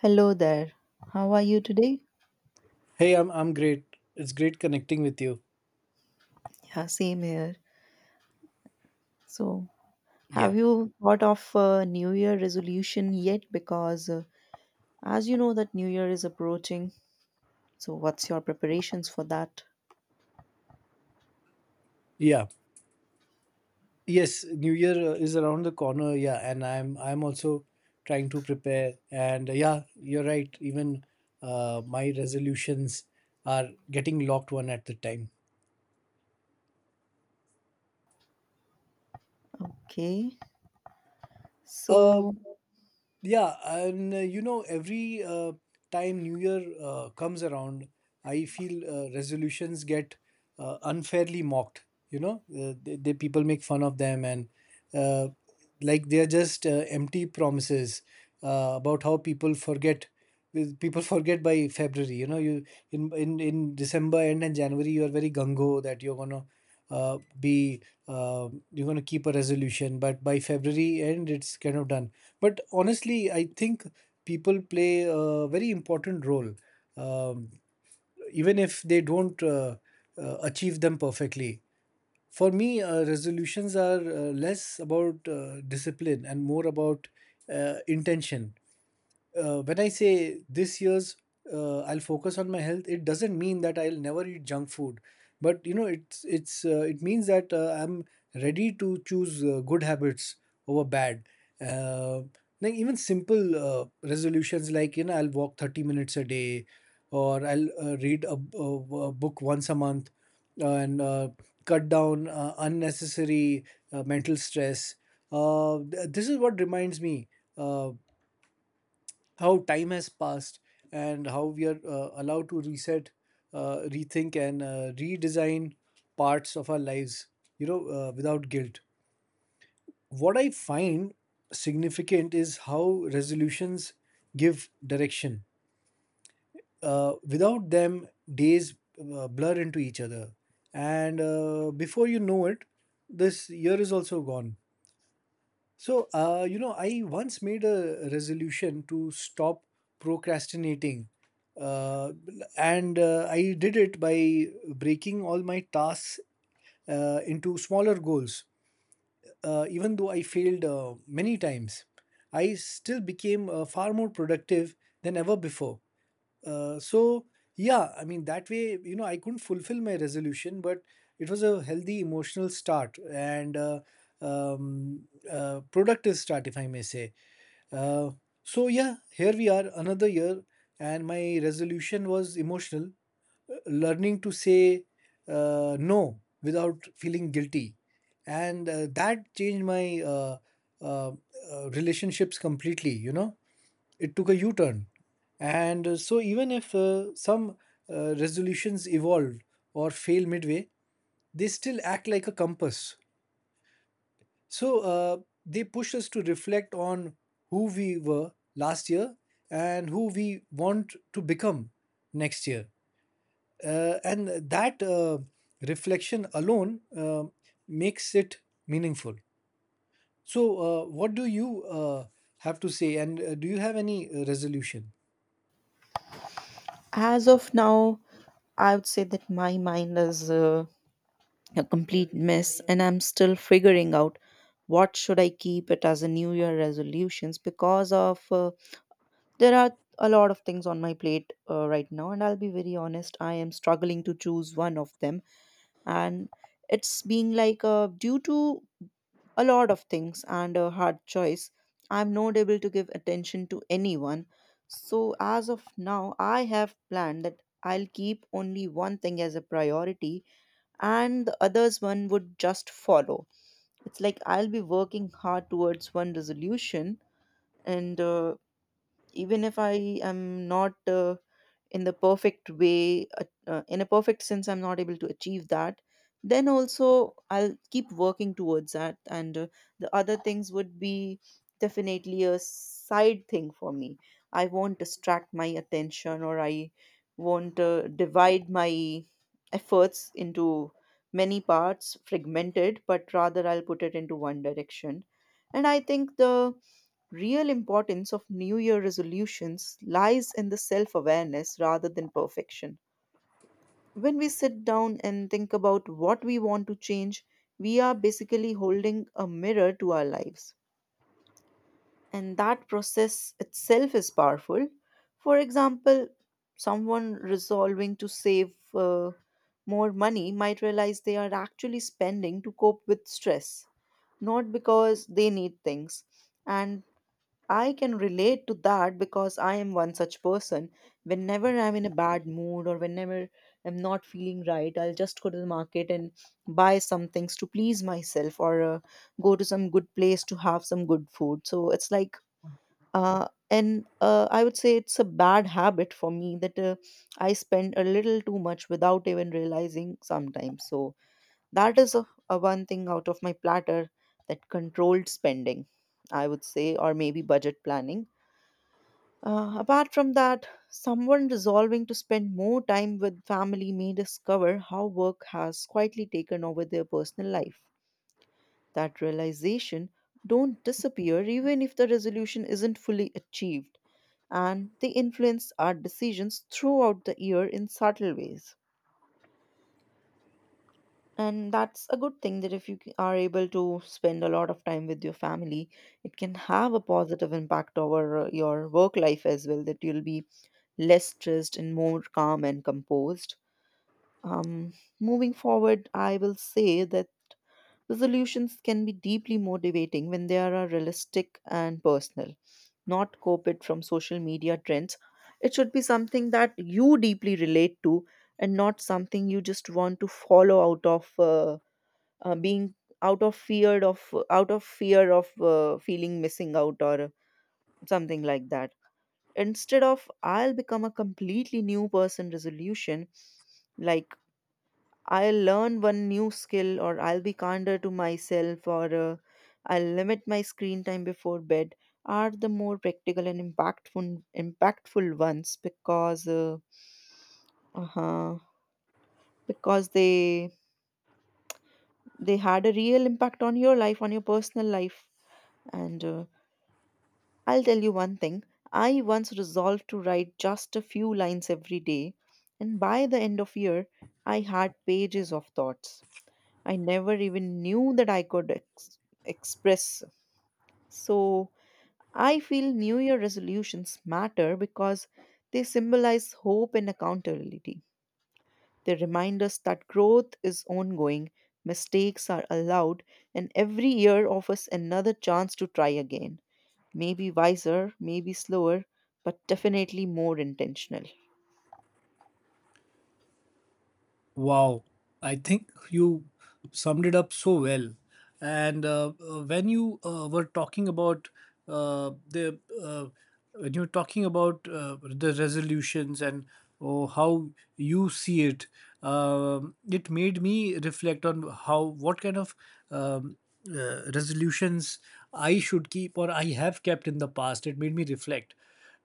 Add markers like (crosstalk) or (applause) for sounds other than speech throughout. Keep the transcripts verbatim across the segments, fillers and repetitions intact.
Hello there. How are you today? Hey, I'm I'm great. It's great connecting with you. Yeah, same here. So, Yeah. have you thought of a New Year resolution yet? Because, uh, as you know, that New Year is approaching. So, what's your preparations for that? Yeah. Yes, New Year uh, is around the corner. Yeah, and I'm I'm also trying to prepare. And uh, yeah, you're right. Even uh, my resolutions are getting locked one at the time. Okay. Uh, So, Yeah, and uh, you know, every uh, time New Year uh, comes around, I feel uh, resolutions get uh, unfairly mocked. You know, uh, they, they People make fun of them, and uh, like they're just uh, empty promises uh, about how people forget. with- People forget by February. You know, you in in in December end and January, you are very gung-ho that you're gonna uh, be uh, you're gonna keep a resolution, but by February end, it's kind of done, but honestly, I think people play a very important role, um, even if they don't uh, uh, achieve them perfectly. For me, uh, resolutions are uh, less about uh, discipline and more about uh, intention. Uh, when I say this year's, uh, I'll focus on my health, it doesn't mean that I'll never eat junk food. But you know, it's it's uh, it means that uh, I'm ready to choose uh, good habits over bad. Uh, like even simple uh, resolutions, like you know, I'll walk thirty minutes a day, or I'll uh, read a a, a book once a month, uh, and uh, cut down uh, unnecessary uh, mental stress. Uh, th- this is what reminds me Uh, how time has passed and how we are uh, allowed to reset, uh, rethink, and uh, redesign parts of our lives, you know, uh, without guilt. What I find significant is how resolutions give direction. Uh, without them, days uh, blur into each other. And uh, before you know it, this year is also gone. So, uh, you know, I once made a resolution to stop procrastinating. Uh, and uh, I did it by breaking all my tasks uh, into smaller goals. Uh, even though I failed uh, many times, I still became uh, far more productive than ever before. Uh, so yeah, I mean, that way, you know, I couldn't fulfill my resolution, but it was a healthy emotional start and uh, um, uh, productive start, if I may say. Uh, so yeah, here we are, another year, and my resolution was emotional, learning to say uh, no without feeling guilty, and uh, that changed my uh, uh, uh, relationships completely. You know, it took a u-turn, and uh, so even if uh, some uh, resolutions evolve or fail midway, they still act like a compass. So uh, they push us to reflect on who we were last year and who we want to become next year, uh, and that uh, reflection alone uh, makes it meaningful. So uh, what do you uh, have to say, and uh, do you have any uh, resolution? as of now, I would say that my mind is uh, a complete mess, and I'm still figuring out what should I keep it as a New Year resolutions because of uh, there are a lot of things on my plate uh, right now, and I'll be very honest, I am struggling to choose one of them. And it's being like uh, due to a lot of things and a hard choice, I'm not able to give attention to anyone. So, as of now, I have planned that I'll keep only one thing as a priority, and the others one would just follow. It's like I'll be working hard towards one resolution, and uh, even if I am not. Uh, in the perfect way uh, uh, in a perfect sense, I'm not able to achieve that, then also I'll keep working towards that, and uh, the other things would be definitely a side thing for me. I won't distract my attention, or I won't uh, divide my efforts into many parts fragmented, but rather I'll put it into one direction. And I think the real importance of New Year resolutions lies in the self-awareness rather than perfection. When we sit down and think about what we want to change, we are basically holding a mirror to our lives, and that process itself is powerful. For example, someone resolving to save uh, more money might realize they are actually spending to cope with stress, not because they need things. And I can relate to that because I am one such person. Whenever I'm in a bad mood, or whenever I'm not feeling right, I'll just go to the market and buy some things to please myself, or uh, go to some good place to have some good food. So it's like, uh, and uh, I would say it's a bad habit for me, that uh, I spend a little too much without even realizing sometimes. So that is a, a one thing out of my platter, that controlled spending, I would say, or maybe budget planning. Uh, apart from that, someone resolving to spend more time with family may discover how work has quietly taken over their personal life. That realization don't disappear even if the resolution isn't fully achieved, and they influence our decisions throughout the year in subtle ways. And that's a good thing, that if you are able to spend a lot of time with your family, it can have a positive impact over uh, your work life as well, that you'll be less stressed and more calm and composed. Um, Moving forward, I will say that resolutions can be deeply motivating when they are realistic and personal, not copied from social media trends. It should be something that you deeply relate to, and not something you just want to follow out of uh, uh, being out of fear of out of fear of uh, feeling missing out or something like that. Instead of "I'll become a completely new person" resolution, like "I'll learn one new skill," or "I'll be kinder to myself," or uh, "I'll limit my screen time before bed," are the more practical and impactful impactful ones, because uh, uh-huh, because they they had a real impact on your life, on your personal life. And uh, I'll tell you one thing. I once resolved to write just a few lines every day, and by the end of year, I had pages of thoughts I never even knew that I could ex- express. So, I feel New Year resolutions matter because they symbolize hope and accountability. They remind us that growth is ongoing, mistakes are allowed, and every year offers another chance to try again. Maybe wiser, maybe slower, but definitely more intentional. Wow, I think you summed it up so well. And uh, uh, when you uh, were talking about uh, the uh, when you were talking about uh, the resolutions and, oh, how you see it, um, it made me reflect on how, what kind of um, uh, resolutions I should keep or I have kept in the past. It made me reflect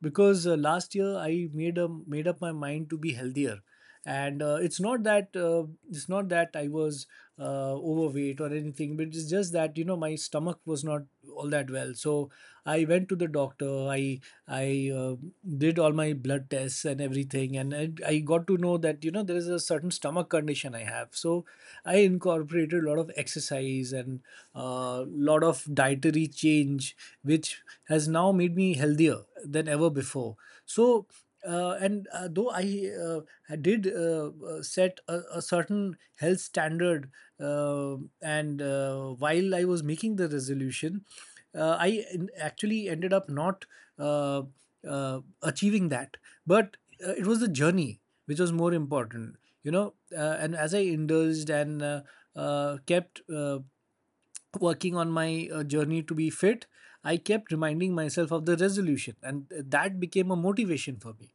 because uh, last year I made a made up my mind to be healthier, and uh, it's not that uh, it's not that I was uh, overweight or anything, but it's just that, you know, my stomach was not all that well, so I went to the doctor. I i uh, did all my blood tests and everything, and I, I got to know that, you know, there is a certain stomach condition I have, so I incorporated a lot of exercise and a uh, lot of dietary change, which has now made me healthier than ever before. So uh, and uh, though I uh, uh, did uh, uh, set a, a certain health standard, uh, and uh, while I was making the resolution, uh, i en- actually ended up not uh, uh, achieving that, but uh, it was the journey which was more important, you know. Uh, and as I indulged and uh, uh, kept uh, working on my uh, journey to be fit, I kept reminding myself of the resolution, and that became a motivation for me.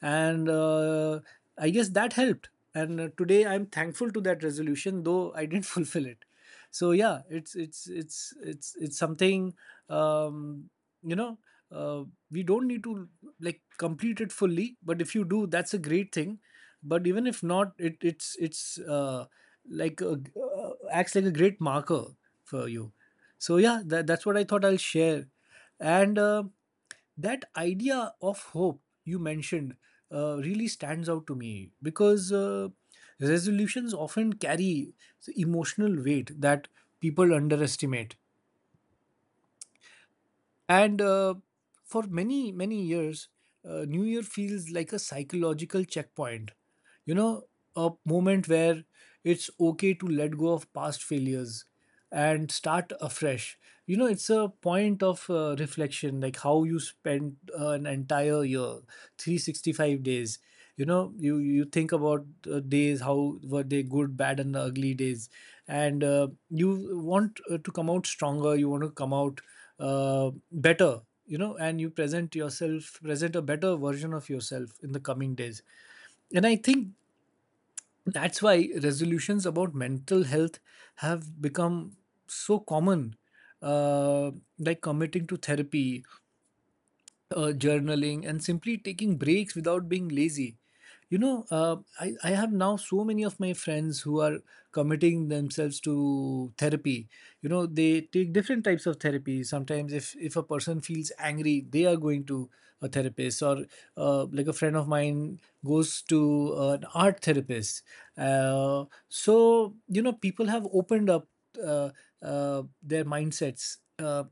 And uh, I guess that helped. And uh, today I'm thankful to that resolution, though I didn't (laughs) fulfill it. So yeah, it's it's it's it's it's something, um, you know. Uh, we don't need to like complete it fully, but if you do, that's a great thing. But even if not, it it's it's uh, like a, uh, acts like a great marker for you. So yeah, that, that's what I thought I'll share. And uh, that idea of hope you mentioned uh, really stands out to me, because uh, resolutions often carry the emotional weight that people underestimate. And uh, for many, many years, uh, New Year feels like a psychological checkpoint. You know, a moment where it's okay to let go of past failures and start afresh. You know, it's a point of uh, reflection, like how you spent an entire year, three hundred sixty-five days. You know, you you think about uh, days, how were they, good, bad, and the ugly days, and uh, you want uh, to come out stronger. You want to come out uh, better, you know, and you present yourself, present a better version of yourself in the coming days. And I think that's why resolutions about mental health have become so common, uh, like committing to therapy, uh, journaling, and simply taking breaks without being lazy. You know, uh, I, I have now so many of my friends who are committing themselves to therapy. You know, they take different types of therapy. Sometimes, if, if a person feels angry, they are going to a therapist, or uh, like a friend of mine goes to an art therapist. Uh, so, you know, people have opened up uh, uh, their mindsets. Uh,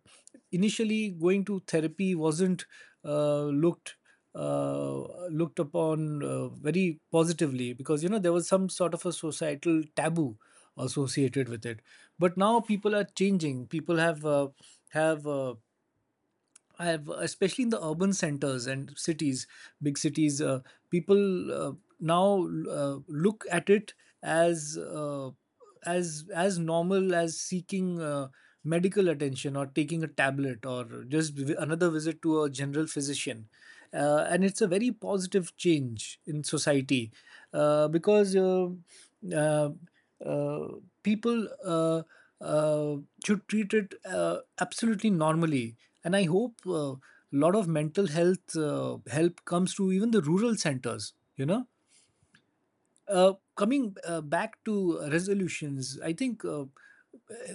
Initially, going to therapy wasn't uh, looked uh, looked upon uh, very positively, because you know there was some sort of a societal taboo associated with it. But now people are changing. People have uh, have uh, I have, especially in the urban centers and cities, big cities, uh, people uh, now uh, look at it as uh, as as normal as seeking uh, medical attention, or taking a tablet, or just vi- another visit to a general physician, uh, and it's a very positive change in society, uh, because uh, uh, uh, people. Uh, uh, should treat it uh, absolutely normally. And I hope a uh, lot of mental health uh, help comes to even the rural centers, you know. Uh, coming uh, back to resolutions, I think uh,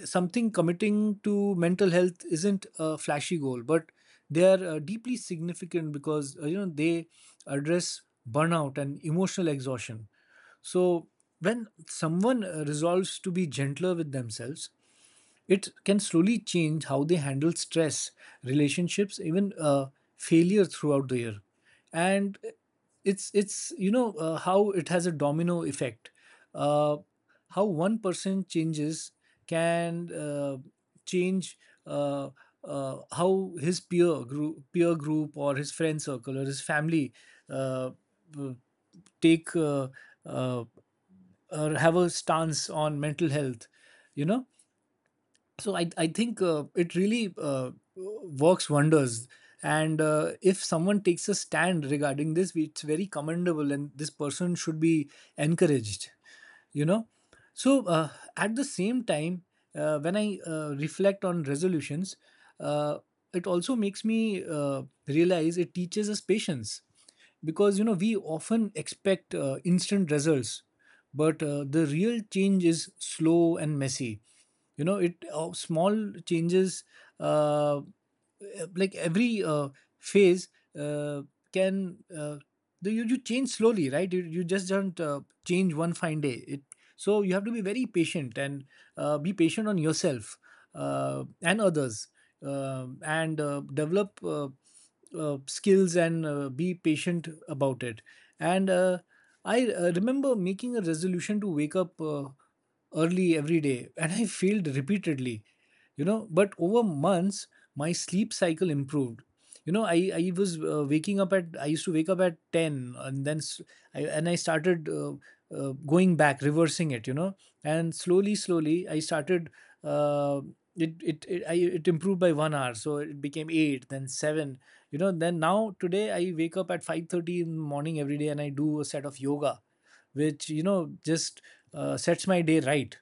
something, committing to mental health isn't a flashy goal, but they are uh, deeply significant, because uh, you know, they address burnout and emotional exhaustion. So when someone uh, resolves to be gentler with themselves, it can slowly change how they handle stress, relationships, even uh, failure throughout the year. And it's it's you know uh, how it has a domino effect. Uh, how one person changes can uh, change uh, uh, how his peer group, peer group, or his friend circle, or his family uh, uh, take uh, uh, or have a stance on mental health. You know, so i i think uh, it really uh, works wonders. And uh, if someone takes a stand regarding this, it's very commendable, and this person should be encouraged, you know. So uh, at the same time, uh, when I uh, reflect on resolutions, uh, it also makes me uh, realize, it teaches us patience, because you know we often expect uh, instant results, but uh, the real change is slow and messy. You know, it uh, small changes, uh, uh, like every uh, phase uh, can uh, do. You, you change slowly, right? You, you just don't uh, change one fine day. It So you have to be very patient and uh, be patient on yourself uh, and others. Um and uh, develop uh, uh, skills and uh, be patient about it. And uh, i uh, remember making a resolution to wake up uh, early every day, and I (laughs) failed repeatedly, you know. But over months my sleep cycle improved. You know, i i was uh, waking up at i used to wake up at ten, and then s- I, and i started uh, uh, going back, reversing it, you know. And slowly, slowly, I started uh, it, it it I, it improved by one hour, so it became eight, then seven. You know, then now, today I wake up at five thirty in the morning every day, and I do a set of yoga, which, you know, just uh, sets my day right.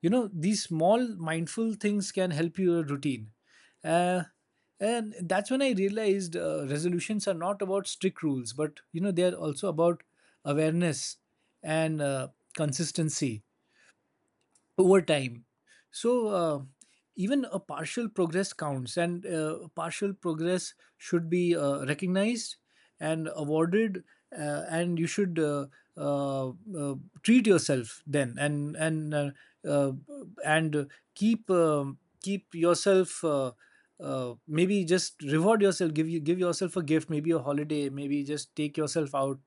You know, these small mindful things can help your routine. uh, and that's when I realized uh, resolutions are not about strict rules, but you know they are also about awareness and uh, consistency over time. So uh, even a partial progress counts, and uh, partial progress should be uh, recognized and awarded, uh, and you should uh, uh, uh, treat yourself then, and and uh, uh, and keep um keep yourself. Uh, uh, maybe just reward yourself, give you give yourself a gift, maybe a holiday, maybe just take yourself out,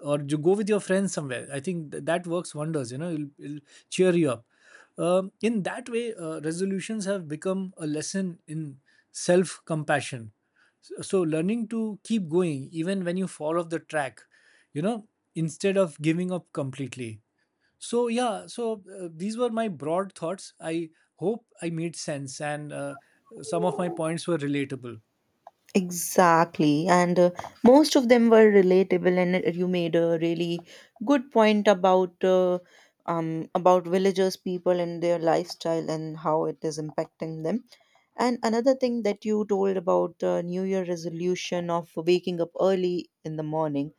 or you go with your friends somewhere. I think th- that works wonders. You know, it'll, it'll cheer you up. Um, in that way, uh, resolutions have become a lesson in self compassion. So, so learning to keep going even when you fall off the track, you know, instead of giving up completely. So yeah, so uh, these were my broad thoughts. I hope I made sense, and uh, some of my points were relatable. Exactly. And uh, most of them were relatable, and uh, you made a really good point about. Uh, um, about villagers, people, and their lifestyle, and how it is impacting them. And another thing that you told about uh, New Year resolution of waking up early in the morning.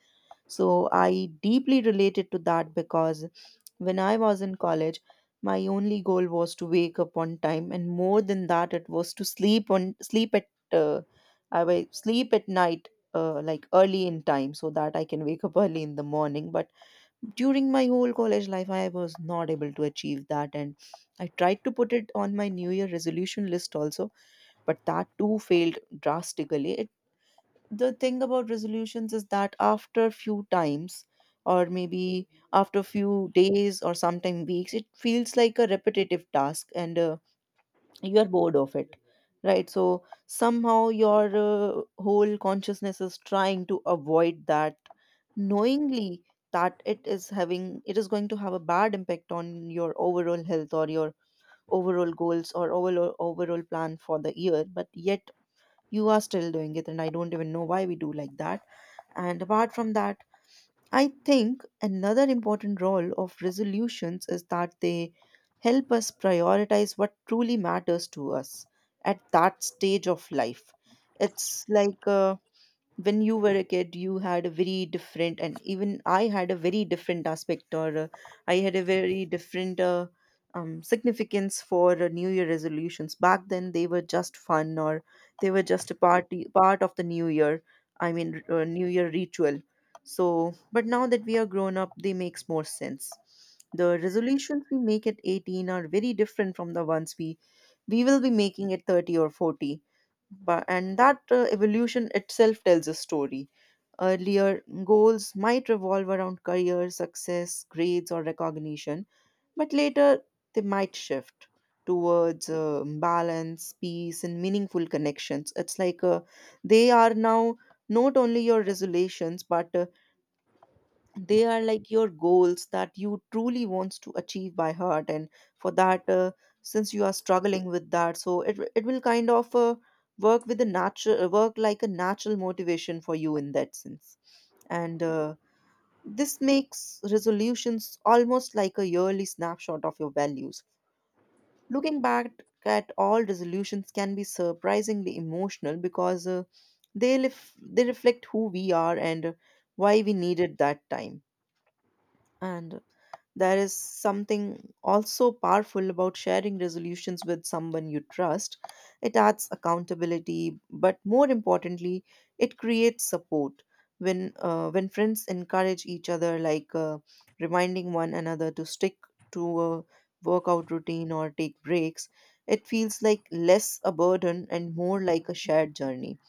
So I deeply related to that because when I was in college, my only goal was to wake up on time, and more than that, it was to sleep on sleep at uh, I will sleep at night, uh, like early in time, so that I can wake up (laughs) early in the morning. But during my whole college life, I was not able to achieve that, and I tried to put it on my New Year resolution list also, but that too failed drastically. The thing about resolutions is that after a few times, or maybe after a few days or sometime weeks, it feels like a repetitive task, and uh, you are bored of it, right? So somehow your uh, whole consciousness is trying to avoid that, knowingly that it is having it is going to have a bad impact on your overall health, or your overall goals, or overall overall plan for the year, but yet you are still doing it, and I don't even know why we do like that. And apart from that, I think another important role of resolutions is that they help us prioritize what truly matters to us at that stage of life. It's like uh, when you were a kid, you had a very different, and even I had a very different aspect, or uh, I had a very different uh, um, significance for uh, New Year resolutions back then. They were just fun, or they were just a party part of the New Year, I mean r- uh, New Year ritual. So but now that we are grown up, they makes more sense. The resolutions we make at eighteen are very different from the ones we we will be making at thirty or forty. But and that uh, evolution itself tells a story. Earlier goals might revolve around career success, grades, or recognition, but later they might shift towards uh, balance, peace, and meaningful connections. It's like uh, they are now not only your resolutions, but uh, they are like your goals that you truly wants to achieve by heart. And for that uh, since you are struggling with that, so it, it will kind of uh, work with a natural work like a natural motivation for you in that sense. And uh, this makes resolutions almost like a yearly snapshot of your values. Looking back at all resolutions can be surprisingly emotional, because uh, they, lef- they reflect who we are and why we needed that time. And there is something also powerful about sharing resolutions with someone you trust. It adds accountability, but more importantly, it creates support. When uh, when friends encourage each other, like uh, reminding one another to stick to a workout routine or take breaks, it feels like less a burden and more like a shared journey.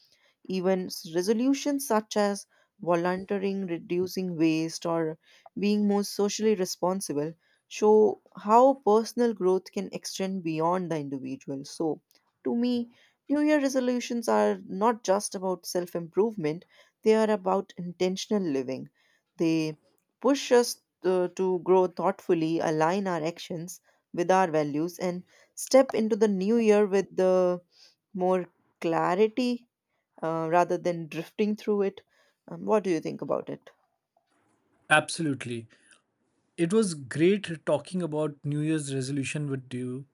Even s- resolutions such as volunteering, reducing waste, or being more socially responsible show how personal growth can extend beyond the individual. So, to me, New Year resolutions are not just about self improvement, they are about intentional living. They push us uh, to grow thoughtfully, align our actions with our values, and step into the new year with the more clarity, uh, rather than drifting through it. Um, what do you think about it? Absolutely. It was great talking about New Year's resolution with you,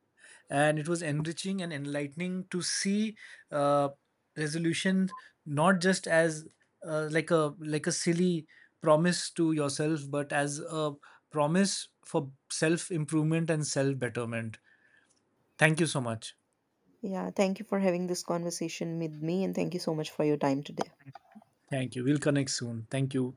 and it was enriching and enlightening to see uh, resolution not just as uh, like a like a silly promise to yourself, but as a promise for self improvement and self betterment. Thank you so much. Yeah, thank you for having this conversation with me, and thank you so much for your time today. Thank you. We'll connect soon. Thank you.